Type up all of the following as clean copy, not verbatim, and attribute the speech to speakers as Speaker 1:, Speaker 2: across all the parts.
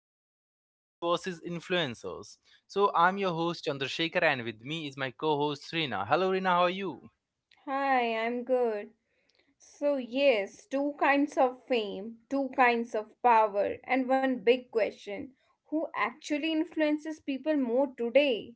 Speaker 1: is celebrities versus influencers. So, I'm your host Chandrasekhar, and with me is my co host Rina. Hello, Rina, how are you?
Speaker 2: Hi, I'm good. So, yes, two kinds of fame, two kinds of power, and one big question who actually influences people more today?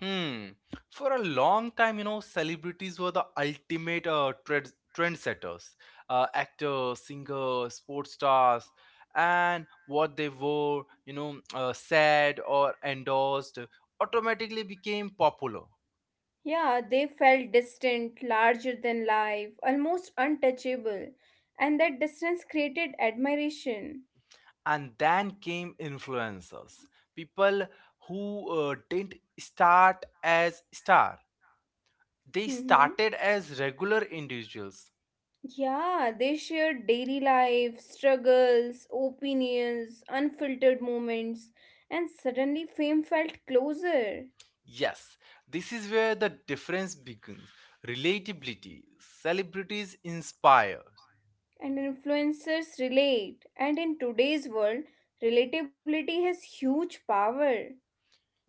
Speaker 1: Hmm. For a long time, you know, celebrities were the ultimate trendsetters. Actors, singers, sports stars, and what they wore, said or endorsed, automatically became popular.
Speaker 2: Yeah, they felt distant, larger than life, almost untouchable, and that distance created admiration.
Speaker 1: And then came influencers, people who didn't start as star. They
Speaker 2: Hmm.
Speaker 1: started as regular individuals.
Speaker 2: Yeah, they shared daily life, struggles, opinions, unfiltered moments, and suddenly fame felt closer.
Speaker 1: Yes, this is where the difference begins. Relatability. Celebrities inspire.
Speaker 2: And influencers relate. And in today's world, relatability has huge power.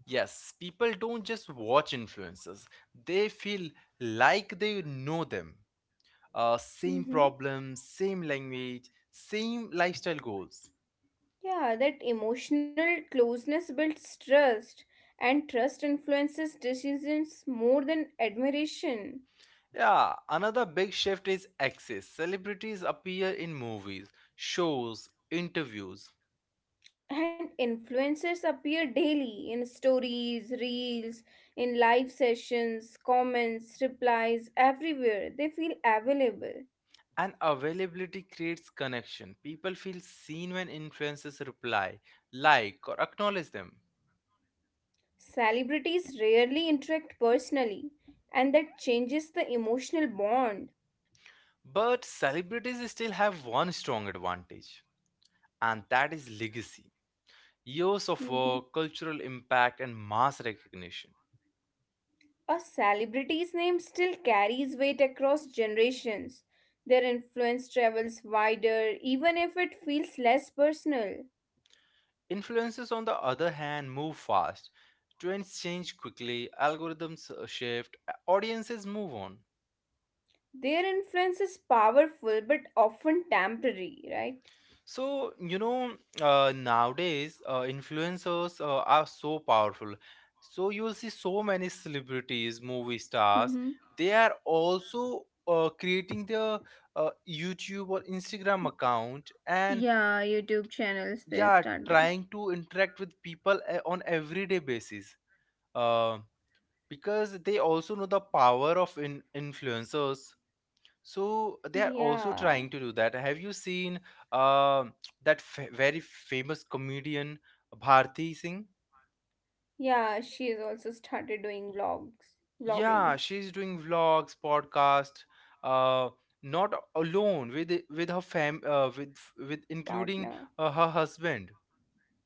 Speaker 1: Yes, people don't just watch influencers, they feel like they know them. Same
Speaker 2: Mhm.
Speaker 1: problems, same language, same lifestyle goals.
Speaker 2: Yeah, that emotional closeness builds trust, and trust influences decisions more than admiration.
Speaker 1: Yeah, another big shift is access. Celebrities appear in movies, shows, interviews.
Speaker 2: And influencers appear daily in stories, reels, in live sessions, comments, replies, everywhere. They feel available.
Speaker 1: And availability creates connection. People feel seen when influencers reply, like, or acknowledge them.
Speaker 2: Celebrities rarely interact personally, and that changes the emotional bond.
Speaker 1: But celebrities still have one strong advantage, and that is legacy years of
Speaker 2: Mhm.
Speaker 1: work, cultural impact, and mass recognition.
Speaker 2: A celebrity's name still carries weight across generations. Their influence travels wider, even if it feels less personal.
Speaker 1: Influencers, on the other hand, move fast. Trends change quickly, algorithms shift, audiences move on.
Speaker 2: Their influence is powerful but often temporary, right?
Speaker 1: So, you know, nowadays influencers are so powerful. So, you'll see so many celebrities, movie stars,
Speaker 2: Mm-hmm.
Speaker 1: they are also creating their YouTube or Instagram account, and
Speaker 2: Yeah, YouTube channels
Speaker 1: yeah,
Speaker 2: they
Speaker 1: trying
Speaker 2: started.
Speaker 1: to interact with people on everyday basis. Uh, because they also know the power of influencers, so they are also
Speaker 2: Yeah.
Speaker 1: trying to do that. Have you seen um that very famous comedian Bharti Singh?
Speaker 2: Yeah, she has also started doing
Speaker 1: Y-
Speaker 2: vlogs, vlogging
Speaker 1: Yeah, she's doing vlogs, podcast, uh, not alone, with her with including
Speaker 2: partner.
Speaker 1: uh, her husband.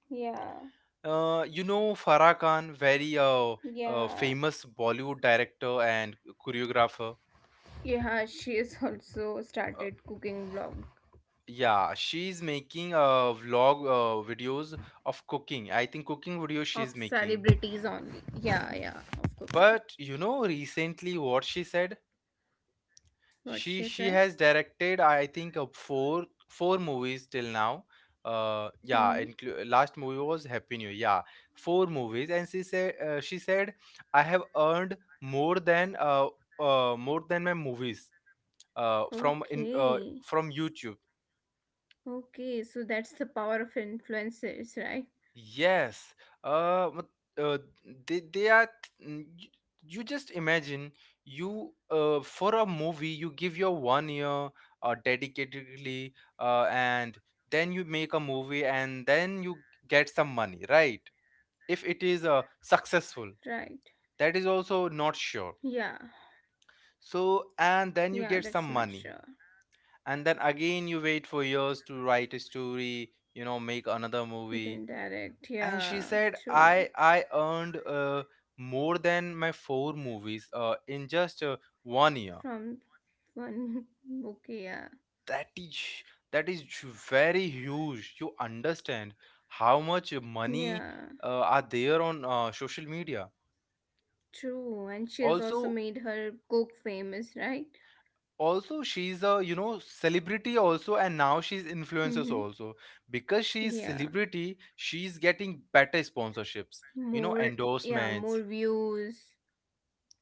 Speaker 2: Yeah,
Speaker 1: You know Farah Khan, very
Speaker 2: yeah.
Speaker 1: famous Bollywood director and choreographer.
Speaker 2: Yeah, she has also started cooking vlog
Speaker 1: Yeah, she's making vlog videos of cooking. I think cooking videos
Speaker 2: of
Speaker 1: she's making.
Speaker 2: celebrities only. Yeah, yeah, of cooking.
Speaker 1: But you know, recently what she said?
Speaker 2: What
Speaker 1: She
Speaker 2: she
Speaker 1: she
Speaker 2: said?
Speaker 1: has directed, I think, four movies till now. Yeah,
Speaker 2: Mm-hmm.
Speaker 1: last movie was Happy New Year. Yeah, four movies, and she said I have earned more than my movies,
Speaker 2: Okay.
Speaker 1: from YouTube.
Speaker 2: Okay, so that's the power of influencers, right?
Speaker 1: Yes. But, uh they are, mm, y- you just imagine, you for a movie you give your one year dedicatedly, and then you make a movie and then you get some money, right? If it is
Speaker 2: Right.
Speaker 1: successful, that is also
Speaker 2: Yeah.
Speaker 1: not sure. So,
Speaker 2: Yeah, that's
Speaker 1: and then
Speaker 2: not
Speaker 1: you get
Speaker 2: sure.
Speaker 1: some money, and then again you wait for years to write a story, you know, make another
Speaker 2: Then
Speaker 1: movie,
Speaker 2: direct,
Speaker 1: and she
Speaker 2: yeah,
Speaker 1: said
Speaker 2: true.
Speaker 1: I earned, more than my four movies, in just one year.
Speaker 2: From one book, yeah.
Speaker 1: That is that is very huge. You understand how much money
Speaker 2: Yeah,
Speaker 1: are there on social media.
Speaker 2: true. And she has
Speaker 1: also
Speaker 2: also made her cook famous, right?
Speaker 1: also she's, a you know, celebrity also, and now she's influencers also. Because she's
Speaker 2: Yeah,
Speaker 1: celebrity, she's getting better sponsorships,
Speaker 2: more, yeah,
Speaker 1: endorsements.
Speaker 2: more views.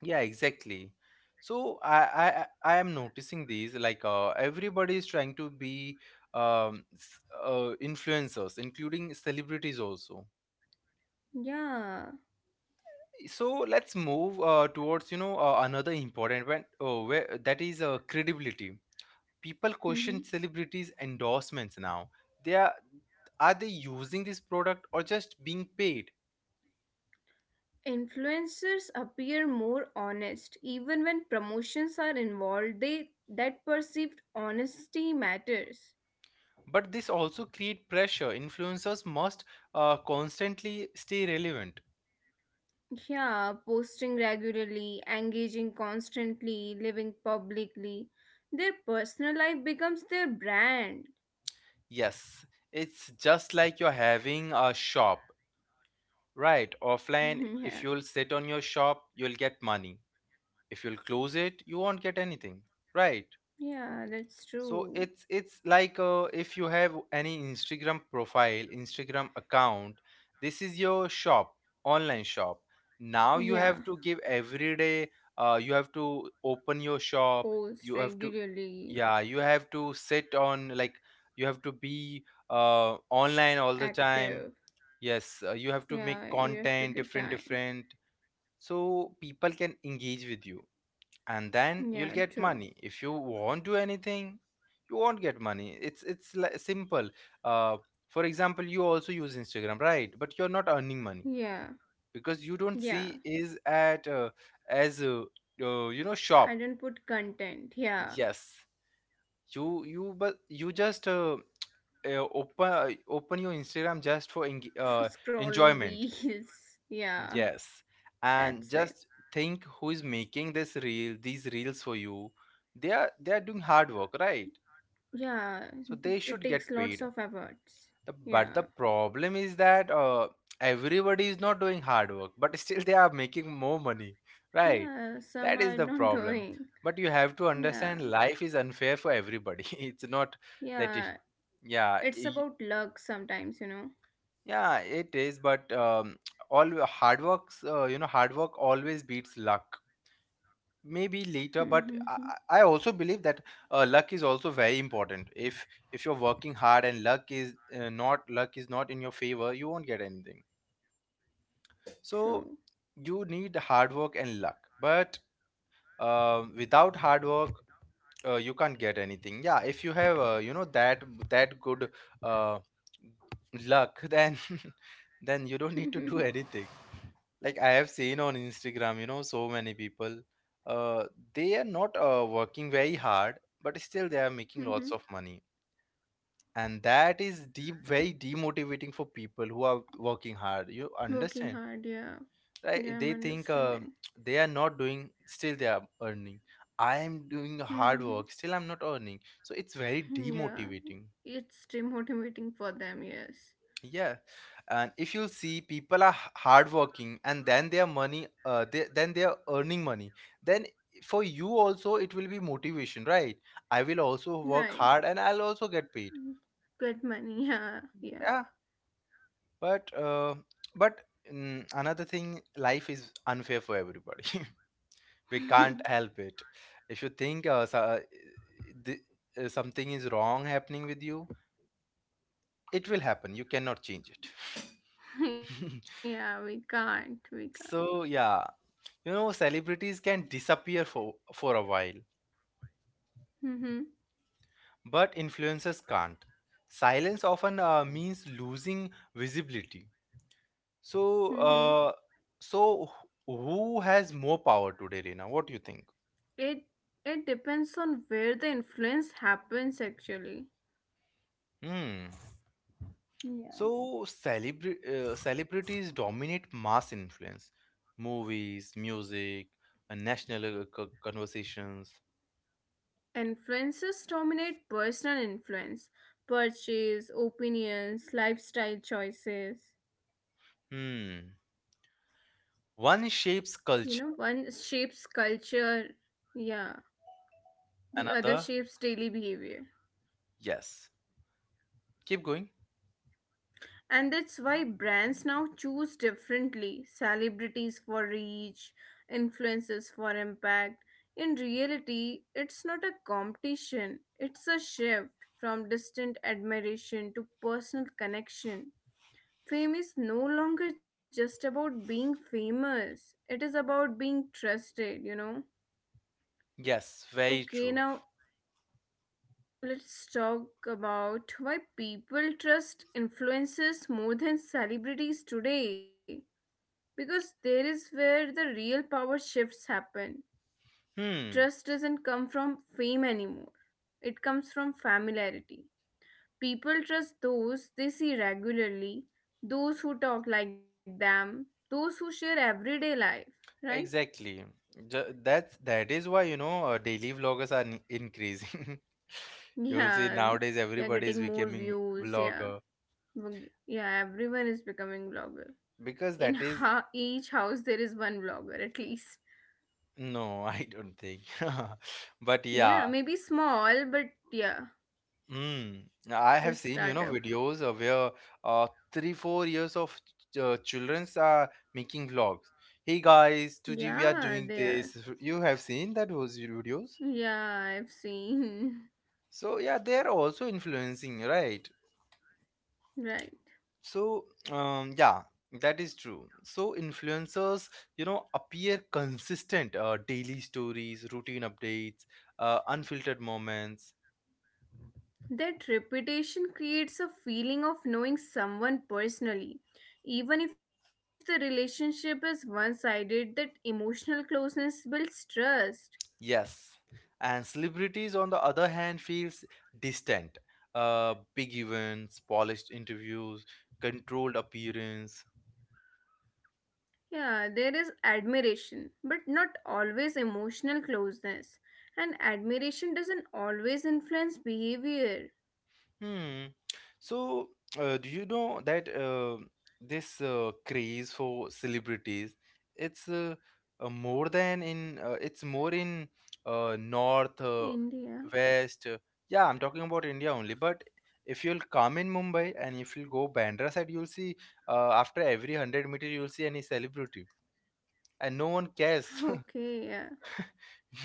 Speaker 1: Yeah, exactly. So I am noticing these, like, everybody is trying to be influencers, including celebrities also.
Speaker 2: Yeah.
Speaker 1: So let's move towards, you know, another important one, where that is credibility. People question
Speaker 2: Hmm.
Speaker 1: celebrities' endorsements now. They Are they using this product or just being paid?
Speaker 2: Influencers appear more honest even when promotions are involved. They that perceived honesty matters.
Speaker 1: But this also create pressure. Influencers must constantly stay relevant.
Speaker 2: Yeah, posting regularly, engaging constantly, living publicly. Their personal life becomes their brand.
Speaker 1: Yes, it's just like you're having a shop, right? Offline,
Speaker 2: Yeah.
Speaker 1: if you'll sit on your shop, you'll get money. If you'll close it, you won't get anything, right?
Speaker 2: Yeah, that's
Speaker 1: So
Speaker 2: true.
Speaker 1: it's like, if you have any instagram profile, instagram account, this is your shop, online shop. Now you
Speaker 2: Yeah,
Speaker 1: have to give every day, you have to open your shop,
Speaker 2: post
Speaker 1: you have to,
Speaker 2: regularly,
Speaker 1: yeah, you have to sit on, like, you have to be online all the time.
Speaker 2: active.
Speaker 1: Yes, you have
Speaker 2: Yeah,
Speaker 1: to
Speaker 2: you
Speaker 1: make
Speaker 2: have to give
Speaker 1: content
Speaker 2: time.
Speaker 1: different different, so people can engage with you, and then
Speaker 2: Yeah,
Speaker 1: you'll get
Speaker 2: true.
Speaker 1: money. If you won't do anything, you won't get money. It's simple. uh, for example, you also use instagram, right, but you're not earning money,
Speaker 2: Yeah,
Speaker 1: because you don't
Speaker 2: yeah.
Speaker 1: see is at as,
Speaker 2: I
Speaker 1: shop.
Speaker 2: don't put content. Yeah,
Speaker 1: Yes, you but you just, open your instagram just for
Speaker 2: for scrolling
Speaker 1: enjoyment.
Speaker 2: reels. Yeah,
Speaker 1: Yes, and
Speaker 2: that's it.
Speaker 1: just think who is making this reel, these reels for you. They are doing hard work, right?
Speaker 2: Yeah,
Speaker 1: So they
Speaker 2: it
Speaker 1: should
Speaker 2: takes
Speaker 1: get
Speaker 2: lots
Speaker 1: paid.
Speaker 2: of efforts.
Speaker 1: But the
Speaker 2: Yeah,
Speaker 1: problem is that, everybody is not doing hard work, but still they are making more money, right?
Speaker 2: yeah. Some
Speaker 1: That
Speaker 2: are
Speaker 1: is the
Speaker 2: not
Speaker 1: problem.
Speaker 2: doing.
Speaker 1: But you have to
Speaker 2: Yeah,
Speaker 1: understand, life is unfair for everybody. It's not that
Speaker 2: yeah.
Speaker 1: yeah,
Speaker 2: It's about luck sometimes,
Speaker 1: yeah, it is, but all hard works, hard work always beats luck. Maybe later, but i,
Speaker 2: know.
Speaker 1: I I also believe that, luck is also very important. If you're working hard and luck is not, luck is not in your favor, you won't get anything. So you need hard work and luck, but without hard work, you can't get anything. Yeah, if you have, you know, that good, uh, luck, then then you don't need to do
Speaker 2: True.
Speaker 1: anything. Like, I have seen on instagram, so many people, uh they are not, working very hard, but still they are making lots of money, and that is deep, very demotivating for people who are working hard, you
Speaker 2: Working
Speaker 1: understand,
Speaker 2: hard, yeah.
Speaker 1: right?
Speaker 2: Yeah, I'm
Speaker 1: They think,
Speaker 2: understanding.
Speaker 1: they are not doing, still they are earning, I am doing hard
Speaker 2: Mhm.
Speaker 1: work, still I'm not earning, so it's very
Speaker 2: Yeah,
Speaker 1: demotivating.
Speaker 2: it's demotivating for them, yes.
Speaker 1: Yeah, and if you'll see, people are hardworking, and then their money, then they are earning money. Then for you also, it will be motivation, right? I will also work
Speaker 2: Right.
Speaker 1: hard, and I'll also get paid.
Speaker 2: Get money, yeah, yeah.
Speaker 1: Yeah, but but another thing, life is unfair for everybody. We can't help it. If you think, so, the, something is wrong happening with you, it will happen. You cannot change it.
Speaker 2: Yeah, we can't, we can't.
Speaker 1: So yeah. You know, celebrities can disappear for, a while,
Speaker 2: Mm-hmm,
Speaker 1: but influencers can't. Silence often means losing visibility. So,
Speaker 2: mm-hmm.
Speaker 1: so who has more power today, Reena? What do you think?
Speaker 2: It, it depends on where the influence happens, actually.
Speaker 1: Hmm.
Speaker 2: Yeah.
Speaker 1: So, celebrities dominate mass influence, movies, music, national conversations.
Speaker 2: Influences dominate personal influence, purchase, opinions, lifestyle choices.
Speaker 1: Hmm. One
Speaker 2: You know,
Speaker 1: shapes
Speaker 2: one
Speaker 1: culture,
Speaker 2: shapes culture, yeah, the other shapes
Speaker 1: another,
Speaker 2: daily behavior.
Speaker 1: yes. Keep going.
Speaker 2: And that's why brands now choose differently, celebrities for reach, influencers for impact. In reality, it's not a competition, it's a shift from distant admiration to personal connection. Fame is no longer just about being famous, it is about being trusted.
Speaker 1: Yes, very
Speaker 2: Okay,
Speaker 1: true.
Speaker 2: now let's talk about why people trust influencers more than celebrities today. Because there is where the real power shifts happen.
Speaker 1: Hmm,
Speaker 2: Trust doesn't come from fame anymore, it comes from familiarity. People trust those they see regularly, those who talk like them, those who share everyday life, right?
Speaker 1: exactly. That is why, daily vloggers are increasing. You will see
Speaker 2: Yeah,
Speaker 1: nowadays
Speaker 2: they're
Speaker 1: everybody is
Speaker 2: getting more
Speaker 1: becoming
Speaker 2: views, yeah.
Speaker 1: vlogger,
Speaker 2: Yeah, everyone is becoming vlogger.
Speaker 1: because
Speaker 2: in
Speaker 1: that is,
Speaker 2: ha- each house there is one vlogger at least.
Speaker 1: no, I don't think. But yeah,
Speaker 2: Yeah, maybe small, but yeah.
Speaker 1: hmm, I have
Speaker 2: Just
Speaker 1: seen,
Speaker 2: start up.
Speaker 1: videos of where, uh 3 4 years of childrens are making vlogs. Hey guys, today we are
Speaker 2: Yeah,
Speaker 1: doing
Speaker 2: there.
Speaker 1: this. You have seen that those videos?
Speaker 2: Yeah, I've seen.
Speaker 1: So yeah, they are also influencing, right?
Speaker 2: Right.
Speaker 1: So, yeah, that is true. So, influencers, appear consistent, daily stories, routine updates, unfiltered moments.
Speaker 2: That reputation creates a feeling of knowing someone personally, even if the relationship is one sided. That emotional closeness builds trust.
Speaker 1: Yes. And celebrities, on the other hand, feels distant. Big events, polished interviews, controlled appearance.
Speaker 2: Yeah, there is admiration, but not always emotional closeness. And admiration doesn't always influence behavior.
Speaker 1: Hmm. So, do you know that, this craze for celebrities, it's uh, it's more in, north,
Speaker 2: India.
Speaker 1: west. Yeah, I'm talking about India only. But if you'll come in Mumbai and if you'll go Bandra side, you'll see, after every 100 meter you'll see any celebrity, and no one cares.
Speaker 2: Okay, yeah,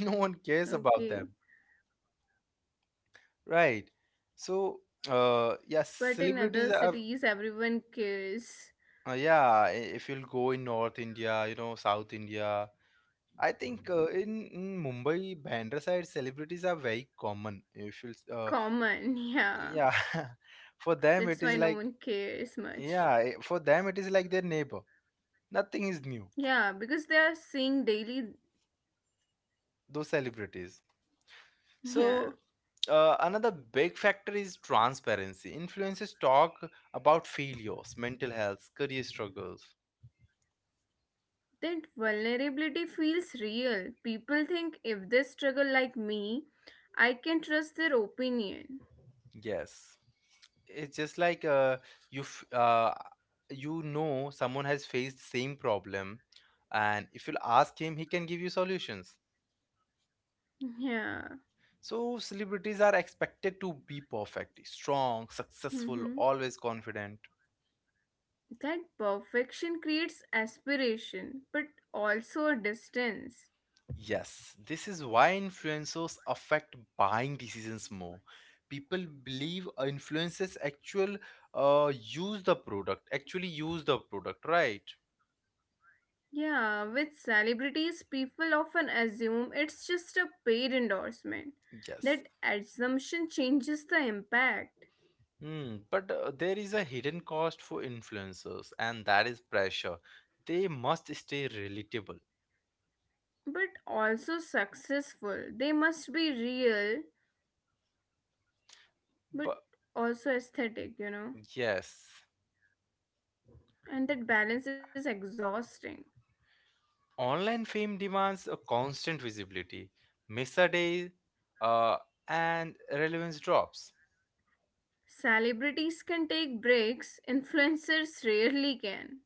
Speaker 1: No one cares about
Speaker 2: okay.
Speaker 1: them, right? So, yeah,
Speaker 2: But in other
Speaker 1: celebrities are.
Speaker 2: cities, everyone cares.
Speaker 1: Yeah, if you'll go in North India, you know, South India, I think, in Mumbai, Bandra side, celebrities are very common. If you,
Speaker 2: Common, yeah.
Speaker 1: yeah, for them
Speaker 2: That's
Speaker 1: it is
Speaker 2: why no
Speaker 1: like,
Speaker 2: one cares
Speaker 1: yeah,
Speaker 2: much.
Speaker 1: for them it is like their neighbor. Nothing is new.
Speaker 2: Yeah, because they are seeing daily.
Speaker 1: Those celebrities.
Speaker 2: Yeah.
Speaker 1: So, another big factor is transparency. Influencers talk about failures, mental health, career struggles.
Speaker 2: That vulnerability feels real. People think if they struggle like me, I can trust their opinion.
Speaker 1: Yes. It's just like, you you know someone has faced same problem, and if you'll ask him he can give you solutions.
Speaker 2: Yeah.
Speaker 1: So celebrities are expected to be perfect, strong, successful,
Speaker 2: Mm-hmm.
Speaker 1: always confident.
Speaker 2: That perfection creates aspiration, but also a distance.
Speaker 1: Yes, this is why influencers affect buying decisions more. People believe influencers actually use the product, right?
Speaker 2: Yeah, with celebrities, people often assume it's just a paid endorsement. That
Speaker 1: Yes.
Speaker 2: assumption changes the impact.
Speaker 1: Hmm, but there is a hidden cost for influencers, and that is pressure. They must stay relatable.
Speaker 2: But also successful. They must be real, but
Speaker 1: But
Speaker 2: also aesthetic, you know?
Speaker 1: yes,
Speaker 2: And that balance is exhausting.
Speaker 1: online fame demands a constant visibility. Miss a day, uh, and relevance drops.
Speaker 2: Celebrities can take breaks, influencers rarely can.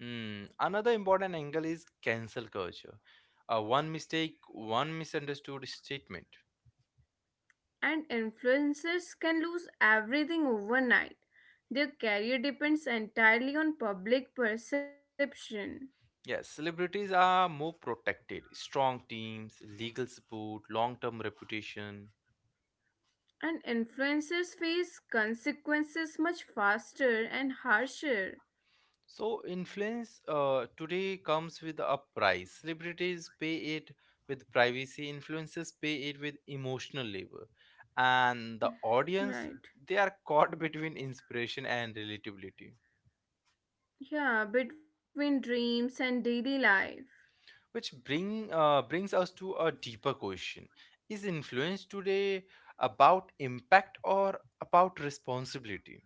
Speaker 1: Hmm. Another important angle is cancel culture. One mistake, one misunderstood statement.
Speaker 2: And influencers can lose everything overnight. Their career depends entirely on public perception.
Speaker 1: Yes, celebrities are more protected. Strong teams, legal support, long term reputation.
Speaker 2: And influencers face consequences much faster and harsher.
Speaker 1: So influence, today comes with a price. Celebrities pay it with privacy, influencers pay it with emotional labor, and the audience, they
Speaker 2: Right.
Speaker 1: are caught between inspiration and relatability.
Speaker 2: Yeah, between dreams and daily life.
Speaker 1: Which brings us to a deeper question: is influence today about impact or about responsibility?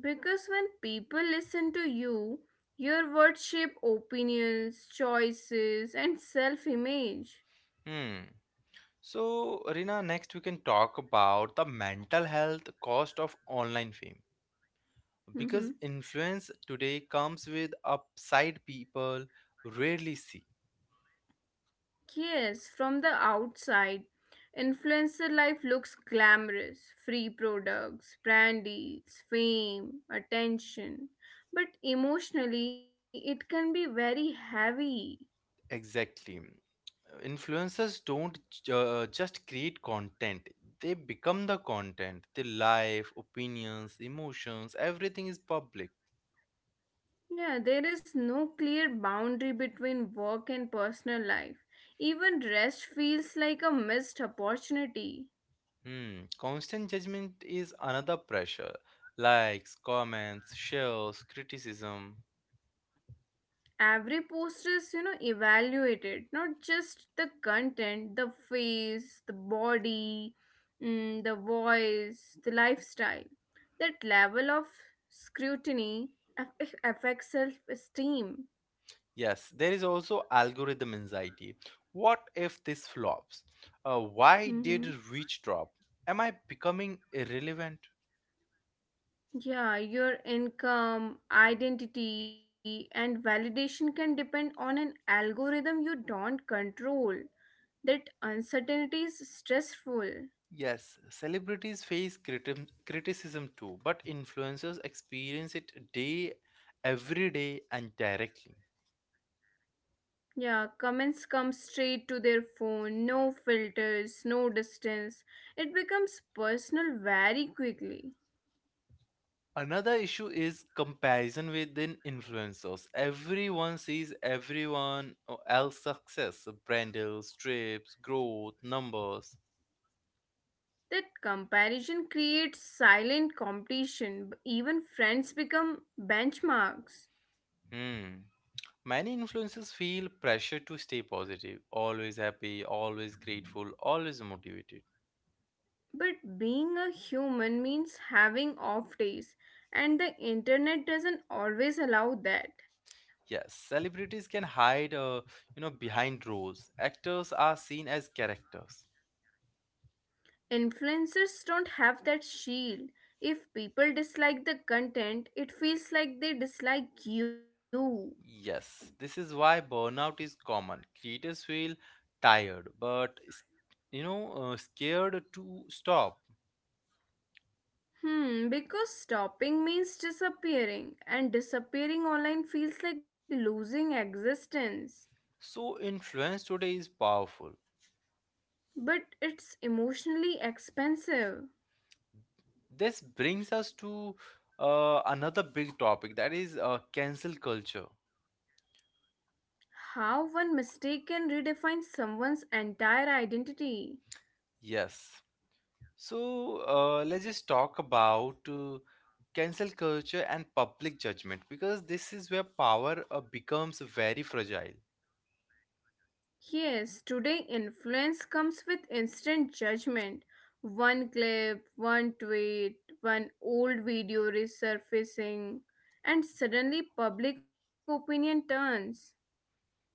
Speaker 2: Because when people listen to you, your words shape opinions, choices, and self image.
Speaker 1: Hmm. So, Rina, next we can talk about the mental health cost of online fame, because influence today comes with upside people rarely see.
Speaker 2: Yes, from the outside, influencer life looks glamorous, free products, brand deals, fame, attention. But emotionally, it can be very heavy.
Speaker 1: Exactly. Influencers don't just create content, they become the content. Their life, opinions, emotions, everything is public.
Speaker 2: Yeah, there is no clear boundary between work and personal life. Even rest feels like a missed opportunity.
Speaker 1: Hmm. Constant judgment is another pressure. Likes, comments, shares, criticism.
Speaker 2: Every post is evaluated, not just the content, the face, the body, the voice, the lifestyle. That level of scrutiny affects self-esteem.
Speaker 1: Yes, there is also algorithm anxiety. What if this flops? Why did
Speaker 2: Hmm.
Speaker 1: reach drop? Am I becoming irrelevant?
Speaker 2: Yeah, your income, identity, and validation can depend on an algorithm you don't control. That uncertainty is stressful.
Speaker 1: Yes, celebrities face criticism too, but influencers experience it day, every day, and directly.
Speaker 2: Yeah, comments come straight to their phone, no filters, no distance. It becomes personal very quickly.
Speaker 1: Another issue is comparison within influencers. Everyone sees everyone else's success, brand deals, trips, growth, numbers.
Speaker 2: That comparison creates silent competition. Even friends become benchmarks.
Speaker 1: Hmm. Many influencers feel pressure to stay positive, always happy, always grateful, always motivated.
Speaker 2: But being a human means having off days, and the internet doesn't always allow that.
Speaker 1: Yes, celebrities can hide, you know, behind roles. Actors are seen as characters.
Speaker 2: Influencers don't have that shield. If people dislike the content, it feels like they dislike you.
Speaker 1: Yes, this is why burnout is common. Creators feel tired, but scared to stop.
Speaker 2: Hmm, because stopping means disappearing, and disappearing online feels like losing existence.
Speaker 1: So influence today is powerful.
Speaker 2: But it's emotionally expensive.
Speaker 1: This brings us to another big topic, that is cancel culture.
Speaker 2: How one mistake can redefine someone's entire identity.
Speaker 1: Yes. So let's just talk about cancel culture and public judgment, because this is where power becomes very fragile.
Speaker 2: Yes, today influence comes with instant judgment. One clip, one tweet, one old video resurfacing, and suddenly public opinion turns.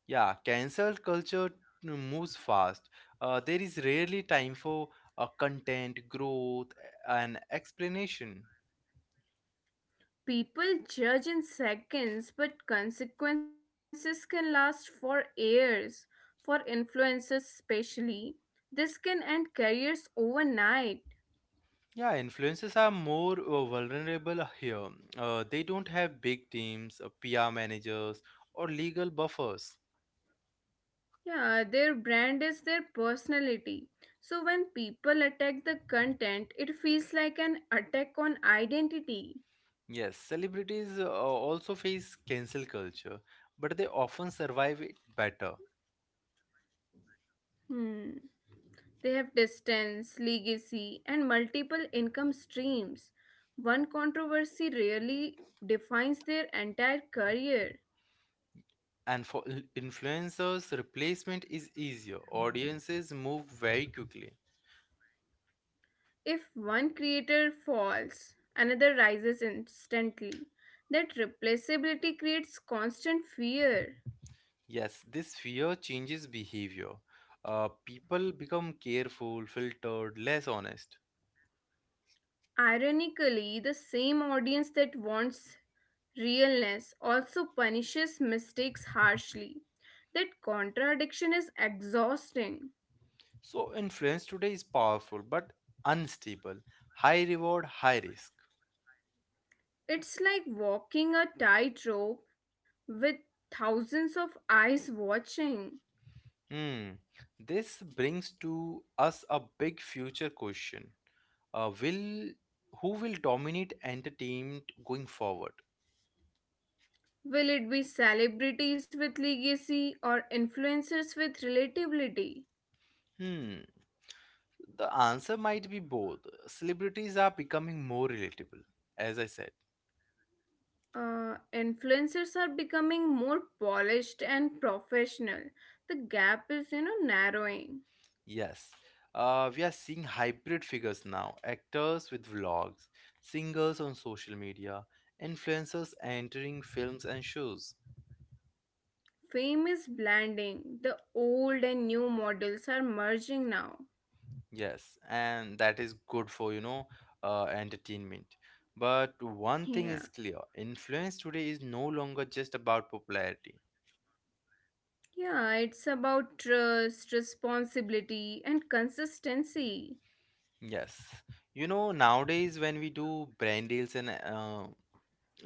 Speaker 1: Yeah, cancel culture moves fast. There is rarely time for content, growth, and explanation.
Speaker 2: People judge in seconds, but consequences can last for years. For influencers, especially, this can end careers overnight.
Speaker 1: Yeah, influencers are more vulnerable here. They don't have big teams, PR managers, or legal buffers.
Speaker 2: Yeah, their brand is their personality. So when people attack the content, it feels like an attack on identity.
Speaker 1: Yes, celebrities also face cancel culture, but they often survive it better.
Speaker 2: Hmm. They have distance, legacy, and multiple income streams. One controversy rarely defines their entire career.
Speaker 1: And for influencers, replacement is easier. Audiences move very quickly.
Speaker 2: If one creator falls, another rises instantly. That replaceability creates constant fear.
Speaker 1: Yes, this fear changes behavior. People become careful, filtered, less honest.
Speaker 2: Ironically, the same audience that wants realness also punishes mistakes harshly. That contradiction is exhausting.
Speaker 1: So, influence today is powerful but unstable. High reward, high risk.
Speaker 2: It's like walking a tightrope with thousands of eyes watching.
Speaker 1: Hmm. This brings to us a big future question. Will Who will dominate entertainment going forward?
Speaker 2: Will it be celebrities with legacy or influencers with relatability?
Speaker 1: Hmm. The answer might be both. Celebrities are becoming more relatable, as I said.
Speaker 2: Influencers are becoming more polished and professional. The gap is, narrowing.
Speaker 1: Yes. We are seeing hybrid figures now, actors with vlogs, singers on social media, influencers entering films and shows.
Speaker 2: Fame is blending. The old and new models are merging now.
Speaker 1: Yes, and that is good for, you know, entertainment. But one thing
Speaker 2: Yeah.
Speaker 1: is clear, influence today is no longer just about popularity.
Speaker 2: Yeah, it's about trust, responsibility, and consistency.
Speaker 1: Yes. You know, nowadays when we do brand deals and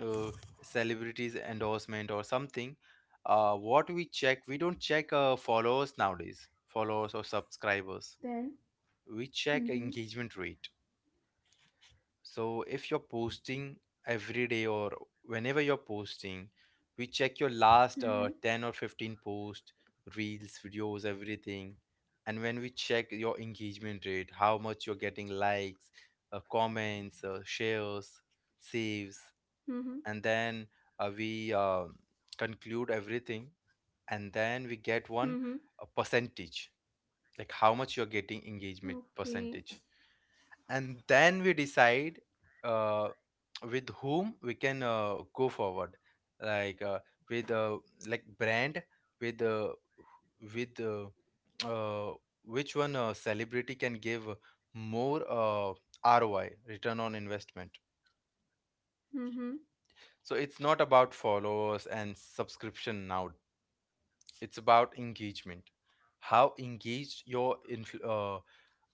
Speaker 1: uh, celebrities endorsement or something, what we check, we don't check followers nowadays, followers or subscribers.
Speaker 2: Then,
Speaker 1: We check
Speaker 2: mm-hmm,
Speaker 1: engagement rate. So if you're posting every day or whenever you're posting, we check your
Speaker 2: mm-hmm,
Speaker 1: last 10 or 15 posts, reels, videos, everything. And when we check your engagement rate, how much you're getting likes, comments, shares, saves,
Speaker 2: mm-hmm,
Speaker 1: and then we conclude everything. And then we get
Speaker 2: mm-hmm.
Speaker 1: one a percentage, like how much you're getting engagement
Speaker 2: Okay,
Speaker 1: percentage. And then we decide uh, with whom we can go forward, like with like brand, with uh, with uh, which one celebrity can give more ROI, return on investment.
Speaker 2: mm-hmm,
Speaker 1: So it's not about followers and subscription now, it's about engagement, how engaged your influ- uh,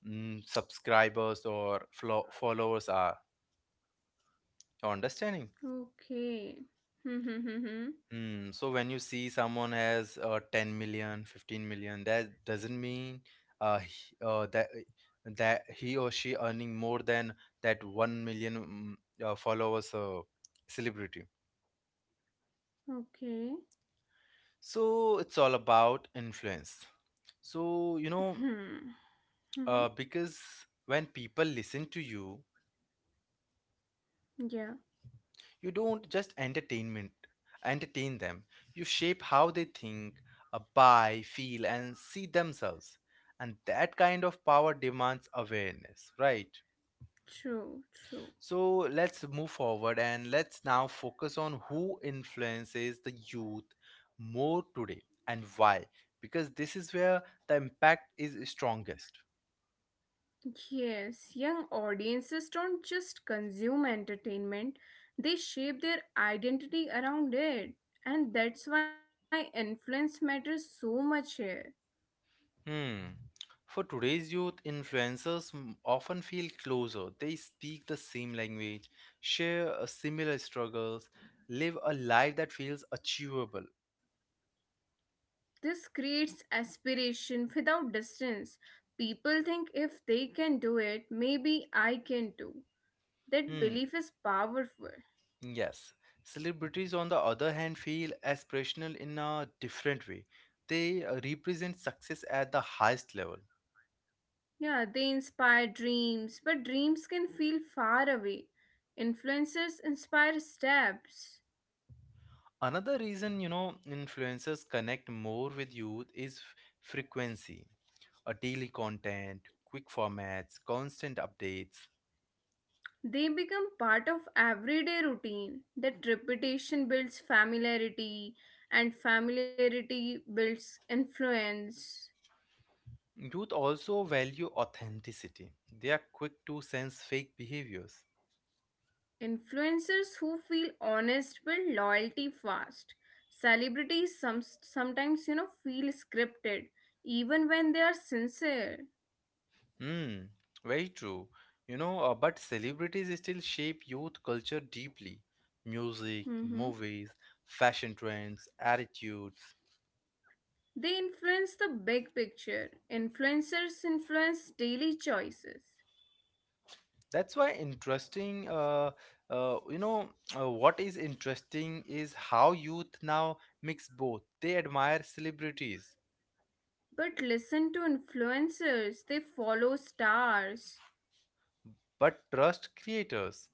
Speaker 1: mm, subscribers or followers are, you understanding?
Speaker 2: okay, mm-hmm, mm-hmm,
Speaker 1: Hmm. So when you see someone has 10 million, 15 million, that doesn't mean he, that that he or she earning more than that 1 million followers celebrity.
Speaker 2: okay,
Speaker 1: So it's all about influence. So, you know,
Speaker 2: hmm, mm-hmm.
Speaker 1: because when people listen to you,
Speaker 2: Yeah,
Speaker 1: you don't just entertain them. You shape how they think, buy, feel, and see themselves. And that kind of power demands awareness, right?
Speaker 2: true, true.
Speaker 1: So let's move forward and let's now focus on who influences the youth more today and why. Because this is where the impact is strongest.
Speaker 2: Yes, young audiences don't just consume entertainment, they shape their identity around it. And that's why influence matters so much here.
Speaker 1: Hmm. For today's youth, influencers often feel closer. They speak the same language, share similar struggles, live a life that feels achievable.
Speaker 2: This creates aspiration without distance. People think if they can do it, maybe I can too. That belief
Speaker 1: Hmm.
Speaker 2: is powerful.
Speaker 1: Yes. Celebrities, on the other hand, feel aspirational in a different way. They represent success at the highest level.
Speaker 2: Yeah, they inspire dreams, but dreams can feel far away. Influencers inspire steps.
Speaker 1: Another reason, you know, influencers connect more with youth is frequency, a daily content, quick formats, constant updates.
Speaker 2: They become part of everyday routine. That repetition builds familiarity, and familiarity builds influence.
Speaker 1: Youth also value authenticity. They are quick to sense fake behaviors.
Speaker 2: Influencers who feel honest build loyalty fast. Celebrities sometimes, feel scripted, even when they are sincere.
Speaker 1: Hmm, very true. You know, but celebrities still shape youth culture deeply. Music,
Speaker 2: Mhm.
Speaker 1: movies, fashion trends, attitudes.
Speaker 2: They influence the big picture. Influencers influence daily choices.
Speaker 1: That's why uh, you know, what is interesting is how youth now mix both. They admire celebrities,
Speaker 2: But listen to influencers, they follow stars.
Speaker 1: but trust creators.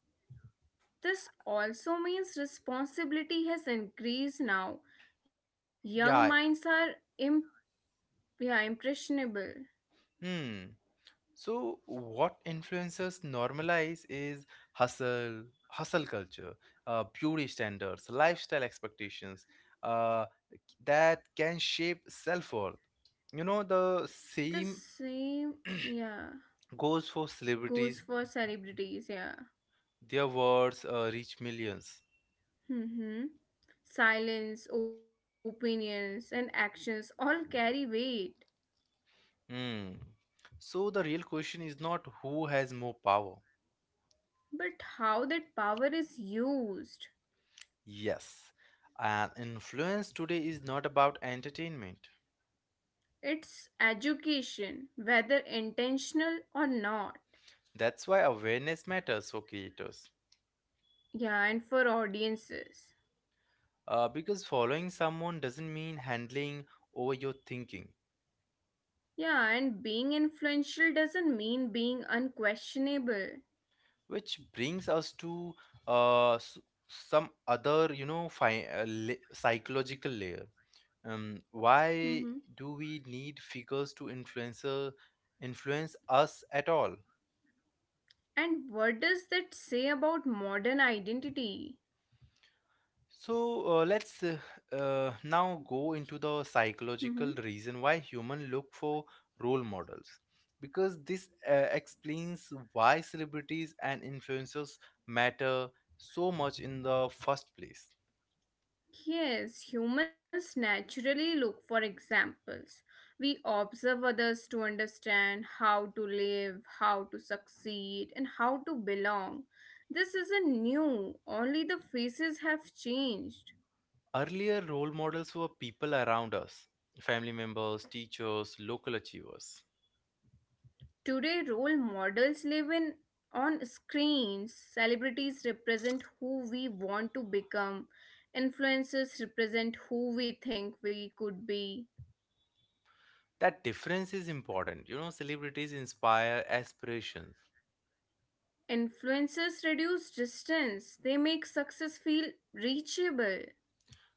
Speaker 2: This also means responsibility has increased now. Young
Speaker 1: Yeah,
Speaker 2: minds are imp- yeah, impressionable.
Speaker 1: hmm. So, what influencers normalize is hustle culture, beauty standards, lifestyle expectations uh, that can shape self worth. You know, the
Speaker 2: The
Speaker 1: same
Speaker 2: same yeah
Speaker 1: goes for celebrities,
Speaker 2: goes for celebrities, yeah.
Speaker 1: their words reach millions.
Speaker 2: Hmm. Silence, opinions, and actions all carry weight.
Speaker 1: Hmm. So, the real question is not who has more power.
Speaker 2: But how that power is used,
Speaker 1: Yes, and influence today is not about entertainment.
Speaker 2: it's education, whether intentional or not.
Speaker 1: That's why awareness matters for creators.
Speaker 2: Yeah, and for audiences.
Speaker 1: Because following someone doesn't mean handling over your thinking,
Speaker 2: Yeah, and being influential doesn't mean being unquestionable.
Speaker 1: which brings us to uh, s- some other, you know, psychological layer.
Speaker 2: Hmm.
Speaker 1: Why do we need figures to influence us at all?
Speaker 2: And what does that say about modern identity?
Speaker 1: So let's now go into the
Speaker 2: Hmm.
Speaker 1: psychological reason why humans look for role models. Because this explains why celebrities and influencers matter so much in the first place.
Speaker 2: Yes, humans naturally look for examples. We observe others to understand how to live, how to succeed, and how to belong. This isn't new, only the faces have changed.
Speaker 1: Earlier, role models were people around us, family members, teachers, local achievers.
Speaker 2: Today, role models live in on screens. Celebrities represent who we want to become. Influencers represent who we think we could be.
Speaker 1: That difference is important. You know, celebrities inspire aspirations.
Speaker 2: Influencers reduce distance. They make success feel reachable.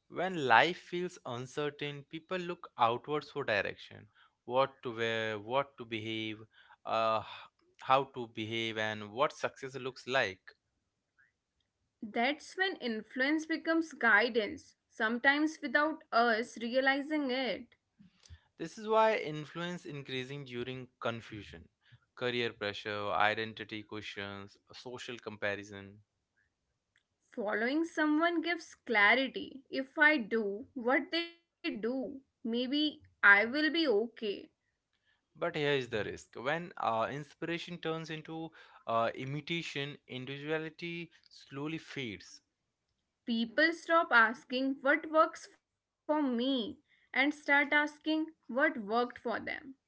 Speaker 1: When life feels uncertain, people look outwards for direction. What to wear, what to behave, uh, h- how to behave, and what success looks like.
Speaker 2: That's when influence becomes guidance, sometimes without us realizing it.
Speaker 1: This is why influence increasing during confusion, career pressure, identity questions, social comparison.
Speaker 2: Following someone gives clarity. If I do what they do, maybe I will be okay.
Speaker 1: But here is the risk: when inspiration turns into imitation, individuality slowly fades.
Speaker 2: People stop asking what works for me and start asking what worked for them.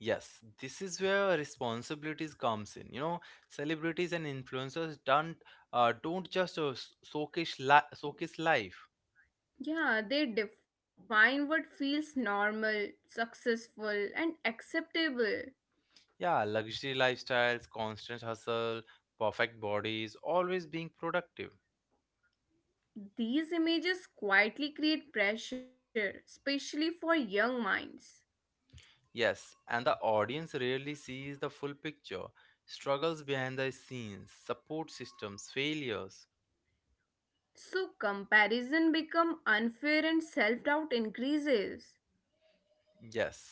Speaker 1: Yes, this is where responsibilities comes in. You know, celebrities and influencers don't just showcase life.
Speaker 2: Yeah, they define what feels normal, successful, and acceptable.
Speaker 1: Yeah, luxury lifestyles, constant hustle, perfect bodies, always being productive.
Speaker 2: These images quietly create pressure, especially for young minds.
Speaker 1: Yes, and the audience rarely sees the full picture, struggles behind the scenes, support systems, failures.
Speaker 2: So comparison become unfair and self-doubt increases.
Speaker 1: Yes.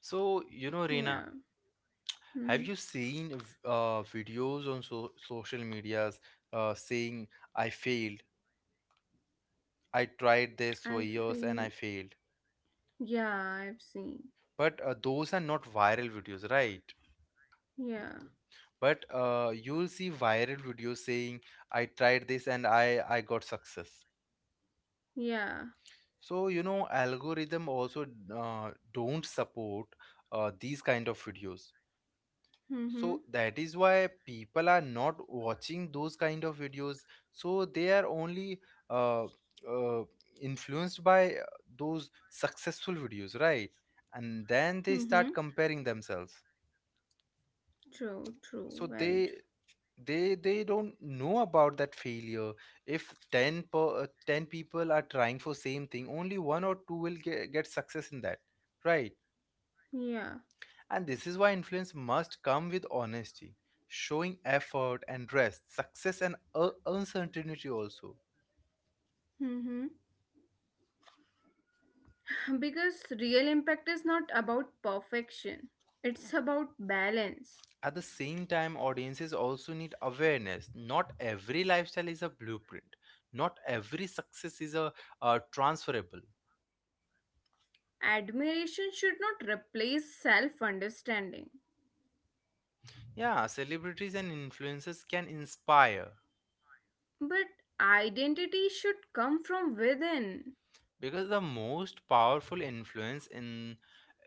Speaker 1: So, you know, Reena,
Speaker 2: Yeah.
Speaker 1: have
Speaker 2: Mm-hmm.
Speaker 1: you seen videos on social medias saying, I failed, I tried this for
Speaker 2: I
Speaker 1: years and I
Speaker 2: feel
Speaker 1: failed?
Speaker 2: Yeah, I've seen.
Speaker 1: But those are not viral videos, right?
Speaker 2: Yeah.
Speaker 1: But you'll see viral videos saying, I tried this and I got success.
Speaker 2: Yeah.
Speaker 1: So, you know, algorithm also don't support these kind of videos, so
Speaker 2: Mm-hmm.
Speaker 1: that is why people are not watching those kind of videos, so they are only uh, uh, influenced by those successful videos, right? And then they start
Speaker 2: Mm-hmm.
Speaker 1: comparing themselves,
Speaker 2: True,
Speaker 1: so
Speaker 2: true,
Speaker 1: they
Speaker 2: very
Speaker 1: they they don't know about that failure. If 10 people are trying for same thing, only one or two will get success in that, right?
Speaker 2: true. Yeah.
Speaker 1: And this is why influence must come with honesty, showing effort and rest, success and uncertainty also.
Speaker 2: Mm-hmm. Because real impact is not about perfection, it's about balance.
Speaker 1: At the same time, audiences also need awareness. Not every lifestyle is a blueprint, not every success is a transferable.
Speaker 2: Admiration should not replace self understanding,
Speaker 1: Yeah, celebrities and influencers can inspire,
Speaker 2: but identity should come from within,
Speaker 1: because the most powerful influence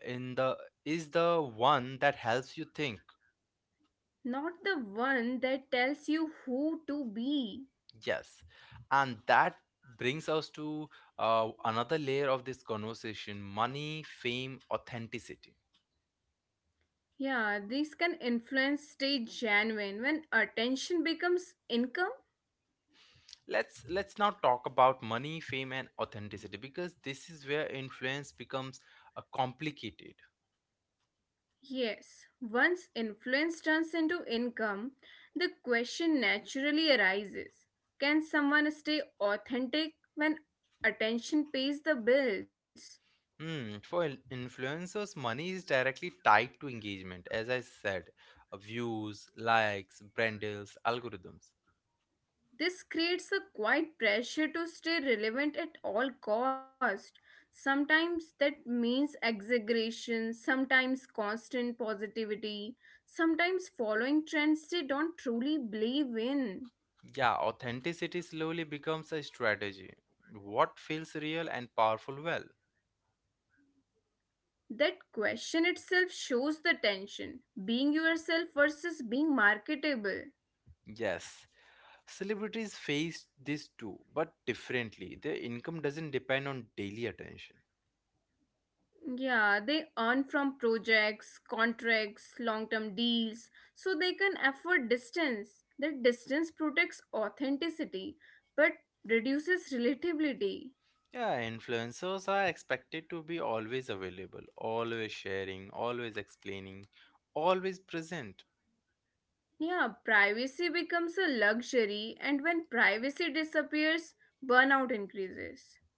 Speaker 1: in the is the one that helps you think.
Speaker 2: not the one that tells you who to be.
Speaker 1: Yes, and that brings us to another layer of this conversation: money, fame, authenticity.
Speaker 2: Yeah, these can influence stay genuine when attention becomes income.
Speaker 1: Let's now talk about money, fame, and authenticity, because this is where influence becomes complicated.
Speaker 2: Yes, once influence turns into income, the question naturally arises, can someone stay authentic when attention pays the bills?
Speaker 1: Hmm. For influencers, money is directly tied to engagement, as I said, views, likes, brand deals, algorithms.
Speaker 2: This creates a quiet pressure to stay relevant at all cost. Sometimes that means exaggeration, sometimes constant positivity, sometimes following trends they don't truly believe in.
Speaker 1: Yeah, authenticity slowly becomes a strategy. What feels real and powerful well.
Speaker 2: That question itself shows the tension, being yourself versus being marketable.
Speaker 1: Yes. Celebrities face this too, but differently. Their income doesn't depend on daily attention.
Speaker 2: Yeah, they earn from projects, contracts, long term deals, so they can afford distance. That distance protects authenticity but reduces relatability.
Speaker 1: Yeah, influencers are expected to be always available, always sharing, always explaining, always present.
Speaker 2: Yeah, privacy becomes a luxury, and when privacy disappears, burnout increases.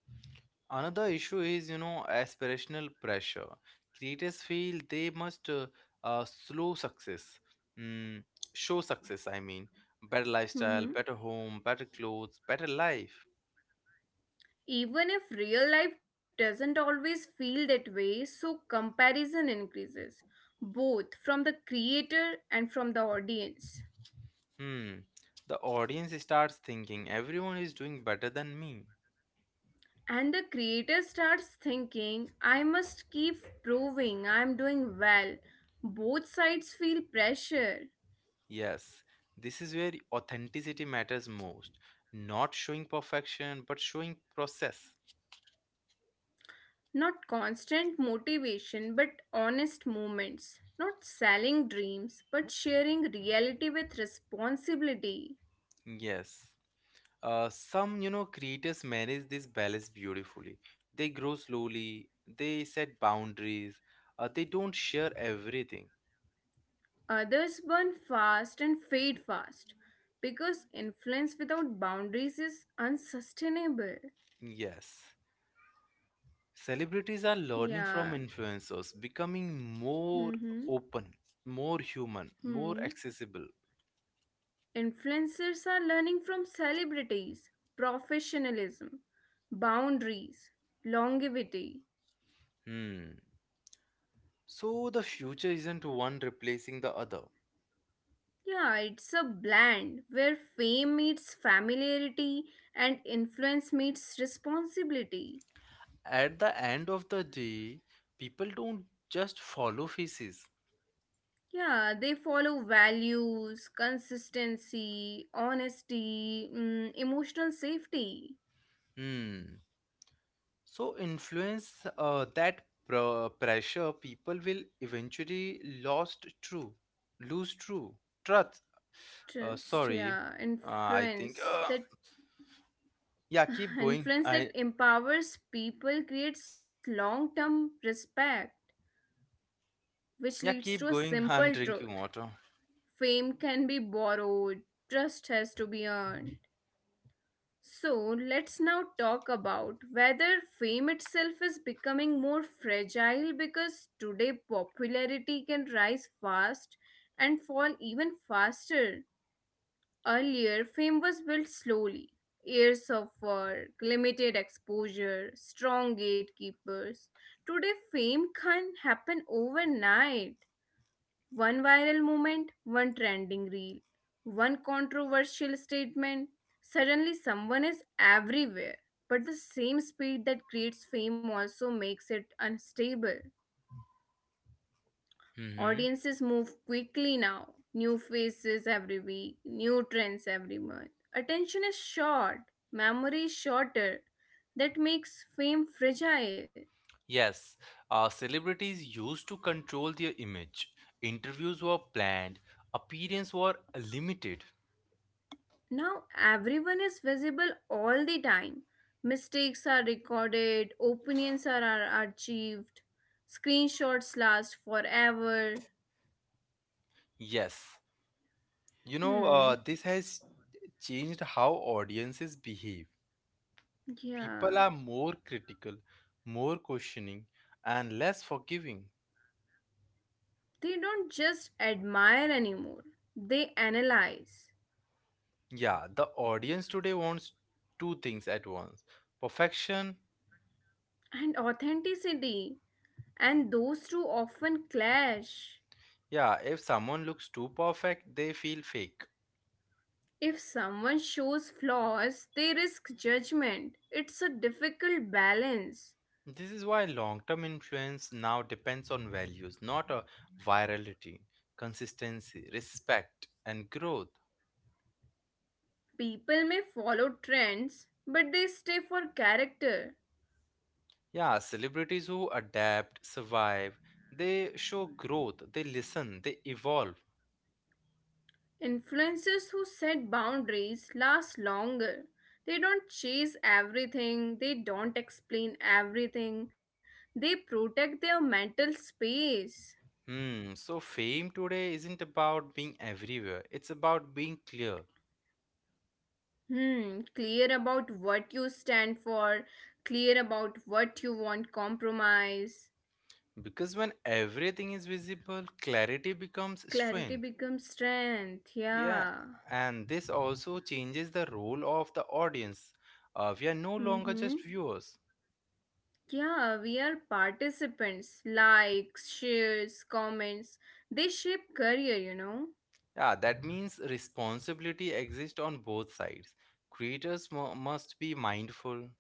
Speaker 1: Another issue is, you know, aspirational pressure. Creators feel they must slow success, mm, show success, I mean, better lifestyle,
Speaker 2: Mm-hmm.
Speaker 1: better home, better clothes, better life.
Speaker 2: Even if real life doesn't always feel that way, so comparison increases, both from the creator and from the audience.
Speaker 1: Hmm. The audience starts thinking everyone is doing better than me.
Speaker 2: And the creator starts thinking, I must keep proving I'm doing well. Both sides feel pressure.
Speaker 1: Yes, this is where authenticity matters most. Not showing perfection, but showing process.
Speaker 2: Not constant motivation, but honest moments. Not selling dreams, but sharing reality with responsibility.
Speaker 1: Yes. Some, you know, creators manage this balance beautifully. They grow slowly, they set boundaries, they don't share everything.
Speaker 2: Others burn fast and fade fast because influence without boundaries is unsustainable.
Speaker 1: Yes. Celebrities are learning from
Speaker 2: Yeah.
Speaker 1: influencers, becoming more
Speaker 2: Mm-hmm.
Speaker 1: open, more human, more
Speaker 2: Hmm.
Speaker 1: accessible.
Speaker 2: Influencers are learning from celebrities, professionalism, boundaries, longevity.
Speaker 1: Hmm. So the future isn't one replacing the other.
Speaker 2: Yeah, it's a blend where fame meets familiarity and influence meets responsibility.
Speaker 1: At the end of the day, people don't just follow faces.
Speaker 2: Yeah, they follow values, consistency, honesty, emotional safety,
Speaker 1: Hmm. So influence that pressure people will eventually lose true truth. Uh,
Speaker 2: trust,
Speaker 1: sorry,
Speaker 2: yeah,
Speaker 1: uh, I think.
Speaker 2: influence that
Speaker 1: Yeah, keep going.
Speaker 2: influence that
Speaker 1: I
Speaker 2: empowers people creates long-term respect, which
Speaker 1: Yeah,
Speaker 2: leads to a
Speaker 1: keep going.
Speaker 2: simple
Speaker 1: I'm
Speaker 2: truth.
Speaker 1: drinking water.
Speaker 2: Fame can be borrowed, trust has to be earned. So let's now talk about whether fame itself is becoming more fragile, because today popularity can rise fast and fall even faster. Earlier, fame was built slowly, years of work, limited exposure, strong gatekeepers. Today, fame can happen overnight, one viral moment, one trending reel, one controversial statement. Suddenly, someone is everywhere. But the same speed that creates fame also makes it unstable.
Speaker 1: Hmm.
Speaker 2: Audiences move quickly now. New faces every week, new trends every month. Attention is short, memory is shorter. That makes fame fragile.
Speaker 1: Yes, celebrities used to control their image. Interviews were planned, appearances were limited.
Speaker 2: Now everyone is visible all the time. Mistakes are recorded, opinions are archived, screenshots last forever.
Speaker 1: Yes, you know,
Speaker 2: Hmm,
Speaker 1: this has changed how audiences behave. People
Speaker 2: yeah.
Speaker 1: are more critical, more questioning, and less forgiving.
Speaker 2: They don't just admire anymore, they analyze.
Speaker 1: Yeah, the audience today wants two things at once, perfection.
Speaker 2: And authenticity, and those two often clash.
Speaker 1: Yeah, if someone looks too perfect, they feel fake.
Speaker 2: If someone shows flaws, they risk judgment. It's a difficult balance.
Speaker 1: This is why long term influence now depends on values, not a virality, consistency, respect, and growth.
Speaker 2: People may follow trends, but they stay for character.
Speaker 1: Yeah, celebrities who adapt, survive, they show growth, they listen, they evolve.
Speaker 2: Influencers who set boundaries last longer. They don't chase everything, they don't explain everything, they protect their mental space.
Speaker 1: Hmm, so fame today isn't about being everywhere, it's about being clear.
Speaker 2: Hmm, clear about what you stand for, clear about what you want compromise.
Speaker 1: Because when everything is visible, clarity becomes
Speaker 2: Clarity
Speaker 1: strength.
Speaker 2: becomes strength,
Speaker 1: Yeah,
Speaker 2: yeah.
Speaker 1: and this also changes the role of the audience. We are no longer
Speaker 2: Mm-hmm.
Speaker 1: just viewers.
Speaker 2: Yeah, we are participants. Likes, shares, comments, they shape career, you know.
Speaker 1: Yeah, that means responsibility exists on both sides. Creators must be mindful,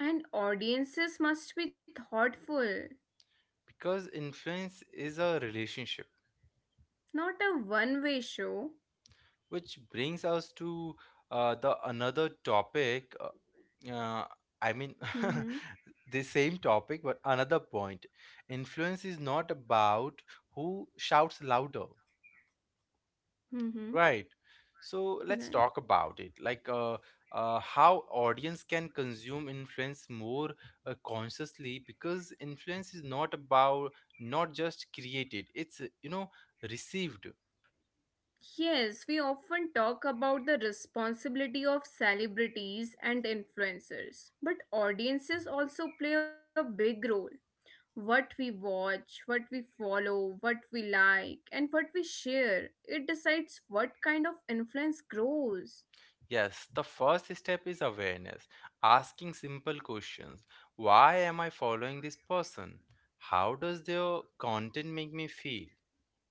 Speaker 2: And audiences must be thoughtful,
Speaker 1: because influence is a relationship,
Speaker 2: not a one way show.
Speaker 1: which brings us to the another topic. I mean,
Speaker 2: Mm-hmm.
Speaker 1: the same topic, but another point. Influence is not about who shouts louder.
Speaker 2: Mm-hmm.
Speaker 1: Right. So let's
Speaker 2: Right.
Speaker 1: talk about it. Like how audience can consume influence more consciously, because influence is not about not just created. It's, you know, received.
Speaker 2: Yes, we often talk about the responsibility of celebrities and influencers, but audiences also play a big role. What we watch, what we follow, what we like, and what we share. It decides what kind of influence grows.
Speaker 1: Yes, the first step is awareness, asking simple questions. Why am I following this person? How does their content make me feel?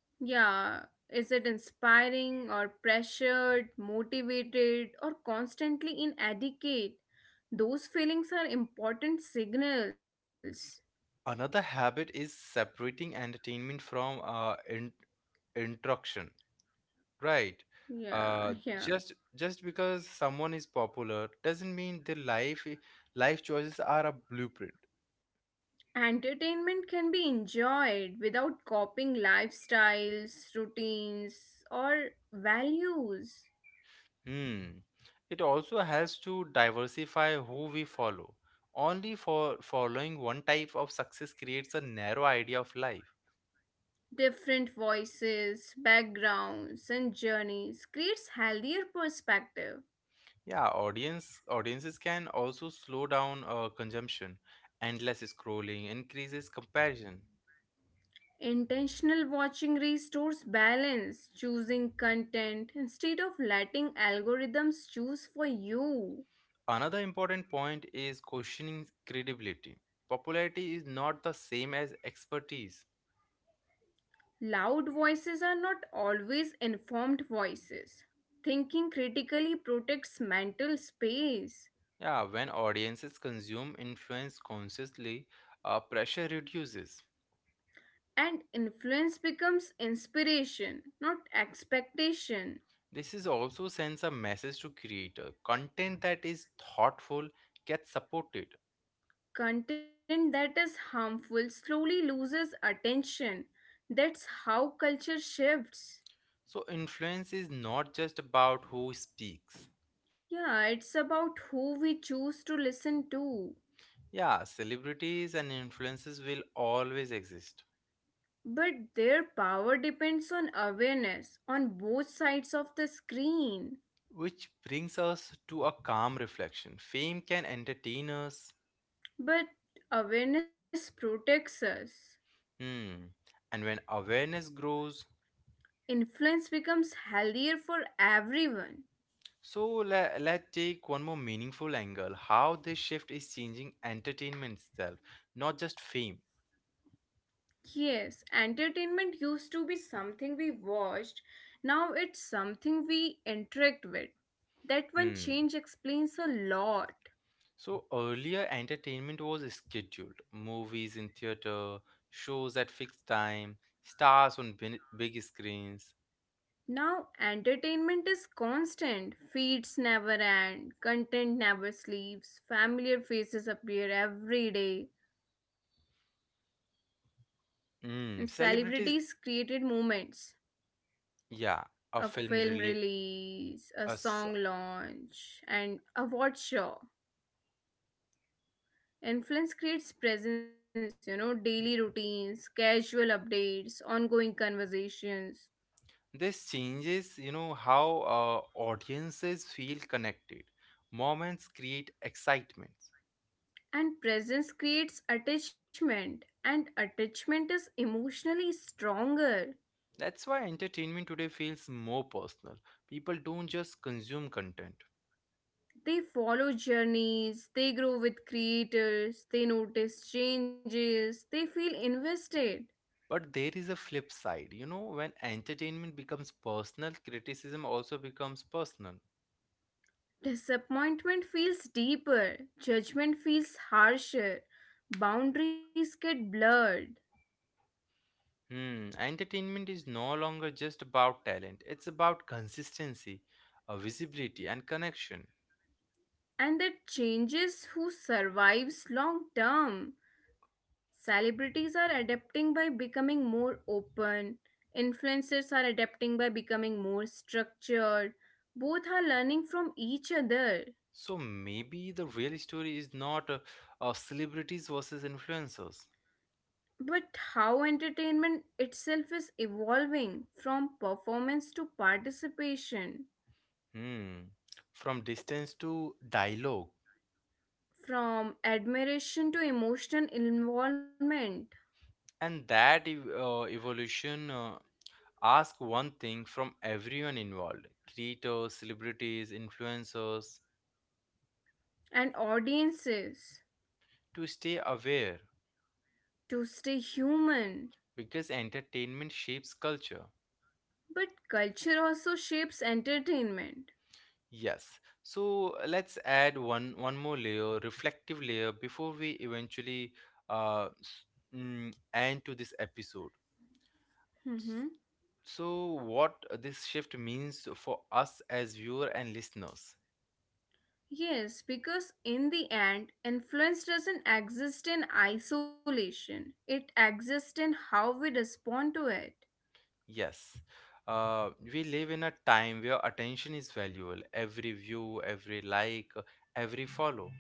Speaker 2: Yeah, is it inspiring or pressured, motivated, or constantly inadequate? Those feelings are important signals.
Speaker 1: Another habit is separating entertainment from instruction. Right.
Speaker 2: Yeah, yeah.
Speaker 1: Just because someone is popular doesn't mean their life choices are a blueprint.
Speaker 2: Entertainment can be enjoyed without copying lifestyles, routines, or values.
Speaker 1: Hmm. It also helps to diversify who we follow. Only for following one type of success creates a narrow idea of life.
Speaker 2: Different voices, backgrounds, and journeys creates healthier perspective.
Speaker 1: Yeah, audiences can also slow down consumption. Endless scrolling increases comparison.
Speaker 2: Intentional watching restores balance, choosing content instead of letting algorithms choose for you.
Speaker 1: Another important point is questioning credibility. Popularity is not the same as expertise.
Speaker 2: Loud voices are not always informed voices. Thinking critically protects mental space,
Speaker 1: Yeah, when audiences consume influence consciously, pressure reduces.
Speaker 2: and influence becomes inspiration, not expectation.
Speaker 1: This is also sends a message to creator. Content that is thoughtful gets supported.
Speaker 2: Content that is harmful slowly loses attention. That's how culture shifts.
Speaker 1: So influence is not just about who speaks.
Speaker 2: Yeah, it's about who we choose to listen to.
Speaker 1: Yeah, celebrities and influences will always exist.
Speaker 2: But their power depends on awareness on both sides of the screen.
Speaker 1: Which brings us to a calm reflection. Fame can entertain us.
Speaker 2: But awareness protects us.
Speaker 1: Hmm. And when awareness grows,
Speaker 2: Influence becomes healthier for everyone.
Speaker 1: so let's take one more meaningful angle, how this shift is changing entertainment itself, not just fame.
Speaker 2: Yes, entertainment used to be something we watched, now it's something we interact with. That one
Speaker 1: Hmm.
Speaker 2: change explains a lot.
Speaker 1: So earlier, entertainment was scheduled movies in theater, shows at fixed time, stars on big screens.
Speaker 2: Now, entertainment is constant. Feeds never end, content never sleeps, familiar faces appear every day, and
Speaker 1: Hmm. Celebrities,
Speaker 2: celebrities created moments.
Speaker 1: yeah, a
Speaker 2: A
Speaker 1: film
Speaker 2: film
Speaker 1: really.
Speaker 2: release, a
Speaker 1: A so-
Speaker 2: song launch, and a watch show. Influence creates presence, you know, daily routines, casual updates, ongoing conversations.
Speaker 1: this changes, you know, how audiences feel connected. Moments create excitement.
Speaker 2: And presence creates attachment, and attachment is emotionally stronger.
Speaker 1: That's why entertainment today feels more personal. People don't just consume content.
Speaker 2: They follow journeys, they grow with creators, they notice changes, they feel invested.
Speaker 1: But there is a flip side. You know, when entertainment becomes personal, criticism also becomes personal.
Speaker 2: Disappointment feels deeper, judgment feels harsher, boundaries get blurred,
Speaker 1: Hmm, entertainment is no longer just about talent, it's about consistency, visibility, and connection.
Speaker 2: and that changes who survives long term. Celebrities are adapting by becoming more open, influencers are adapting by becoming more structured. Both are learning from each other.
Speaker 1: So maybe the real story is not celebrities versus influencers.
Speaker 2: But how entertainment itself is evolving from performance to participation,
Speaker 1: Hmm, from distance to dialogue.
Speaker 2: from admiration to emotional involvement,
Speaker 1: And that evolution. Ask one thing from everyone involved, creators, celebrities, influencers,
Speaker 2: and audiences
Speaker 1: to stay aware,
Speaker 2: to stay human.
Speaker 1: because entertainment shapes culture.
Speaker 2: But culture also shapes entertainment.
Speaker 1: Yes. So let's add one more layer, reflective layer before we eventually uh s- end to this episode. S-
Speaker 2: Mhm.
Speaker 1: So what this shift means for us as viewer and listeners.
Speaker 2: Yes, because in the end, influence doesn't exist in isolation, it exists in how we respond to it.
Speaker 1: Yes. We live in a time where attention is valuable. Every view, every like, every follow.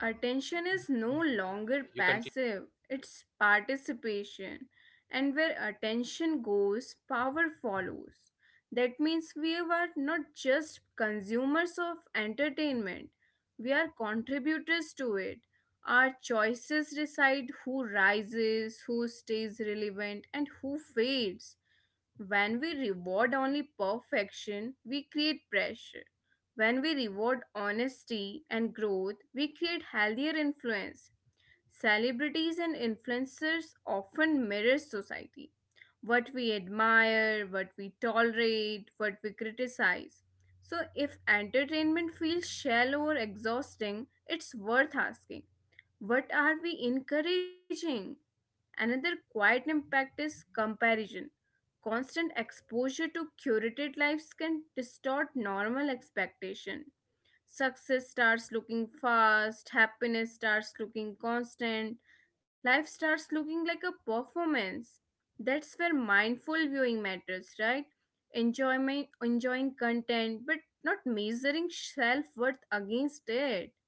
Speaker 2: Attention is no longer
Speaker 1: You continue.
Speaker 2: passive, it's participation. And where attention goes, power follows. That means we are not just consumers of entertainment, we are contributors to it. Our choices decide who rises, who stays relevant, and who fades. When we reward only perfection, we create pressure. When we reward honesty and growth, we create healthier influence. Celebrities and influencers often mirror society. What we admire, what we tolerate, what we criticize. So, if entertainment feels shallow or exhausting, it's worth asking, what are we encouraging? Another quiet impact is comparison. Constant exposure to curated lives can distort normal expectation. Success starts looking fast, happiness starts looking constant, life starts looking like a performance. That's where mindful viewing matters, right? Enjoyment, enjoying content, but not measuring self worth against it.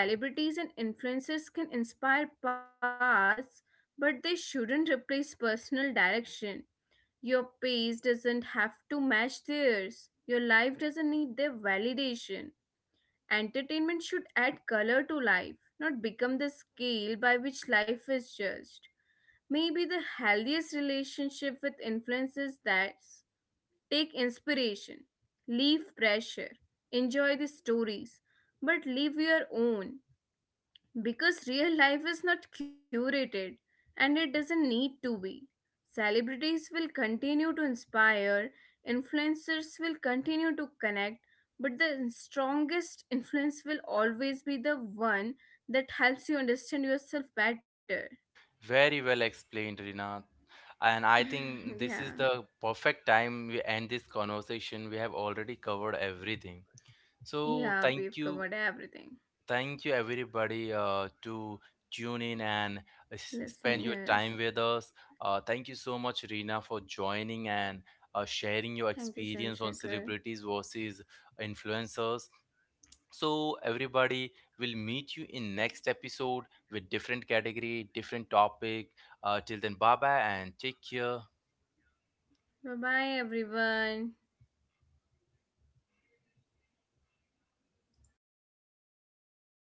Speaker 2: Celebrities and influencers can inspire paths, but they shouldn't replace personal direction. Your pace doesn't have to match theirs. Your life doesn't need their validation. Entertainment should add color to life, not become the scale by which life is judged. Maybe the healthiest relationship with influence is that take inspiration, leave pressure, enjoy the stories, but live your own. Because real life is not curated and it doesn't need to be. Celebrities will continue to inspire, influencers will continue to connect, but the strongest influence will always be the one that helps you understand yourself better.
Speaker 1: Very well explained, Rina. And I think
Speaker 2: Yeah.
Speaker 1: this is the perfect time we end this conversation. We have already covered everything. So
Speaker 2: Yeah, we've
Speaker 1: thank you.
Speaker 2: covered everything.
Speaker 1: Thank you, everybody, to tune in and
Speaker 2: Listening
Speaker 1: spend your
Speaker 2: is.
Speaker 1: time with us. Thank you so much, Rina, for joining and sharing your
Speaker 2: Thank you,
Speaker 1: experience on
Speaker 2: Shanshaker.
Speaker 1: celebrities versus influencers. So, everybody, will meet you in next episode with different category, different topic. Till then, bye bye and take care.
Speaker 2: Bye bye, everyone.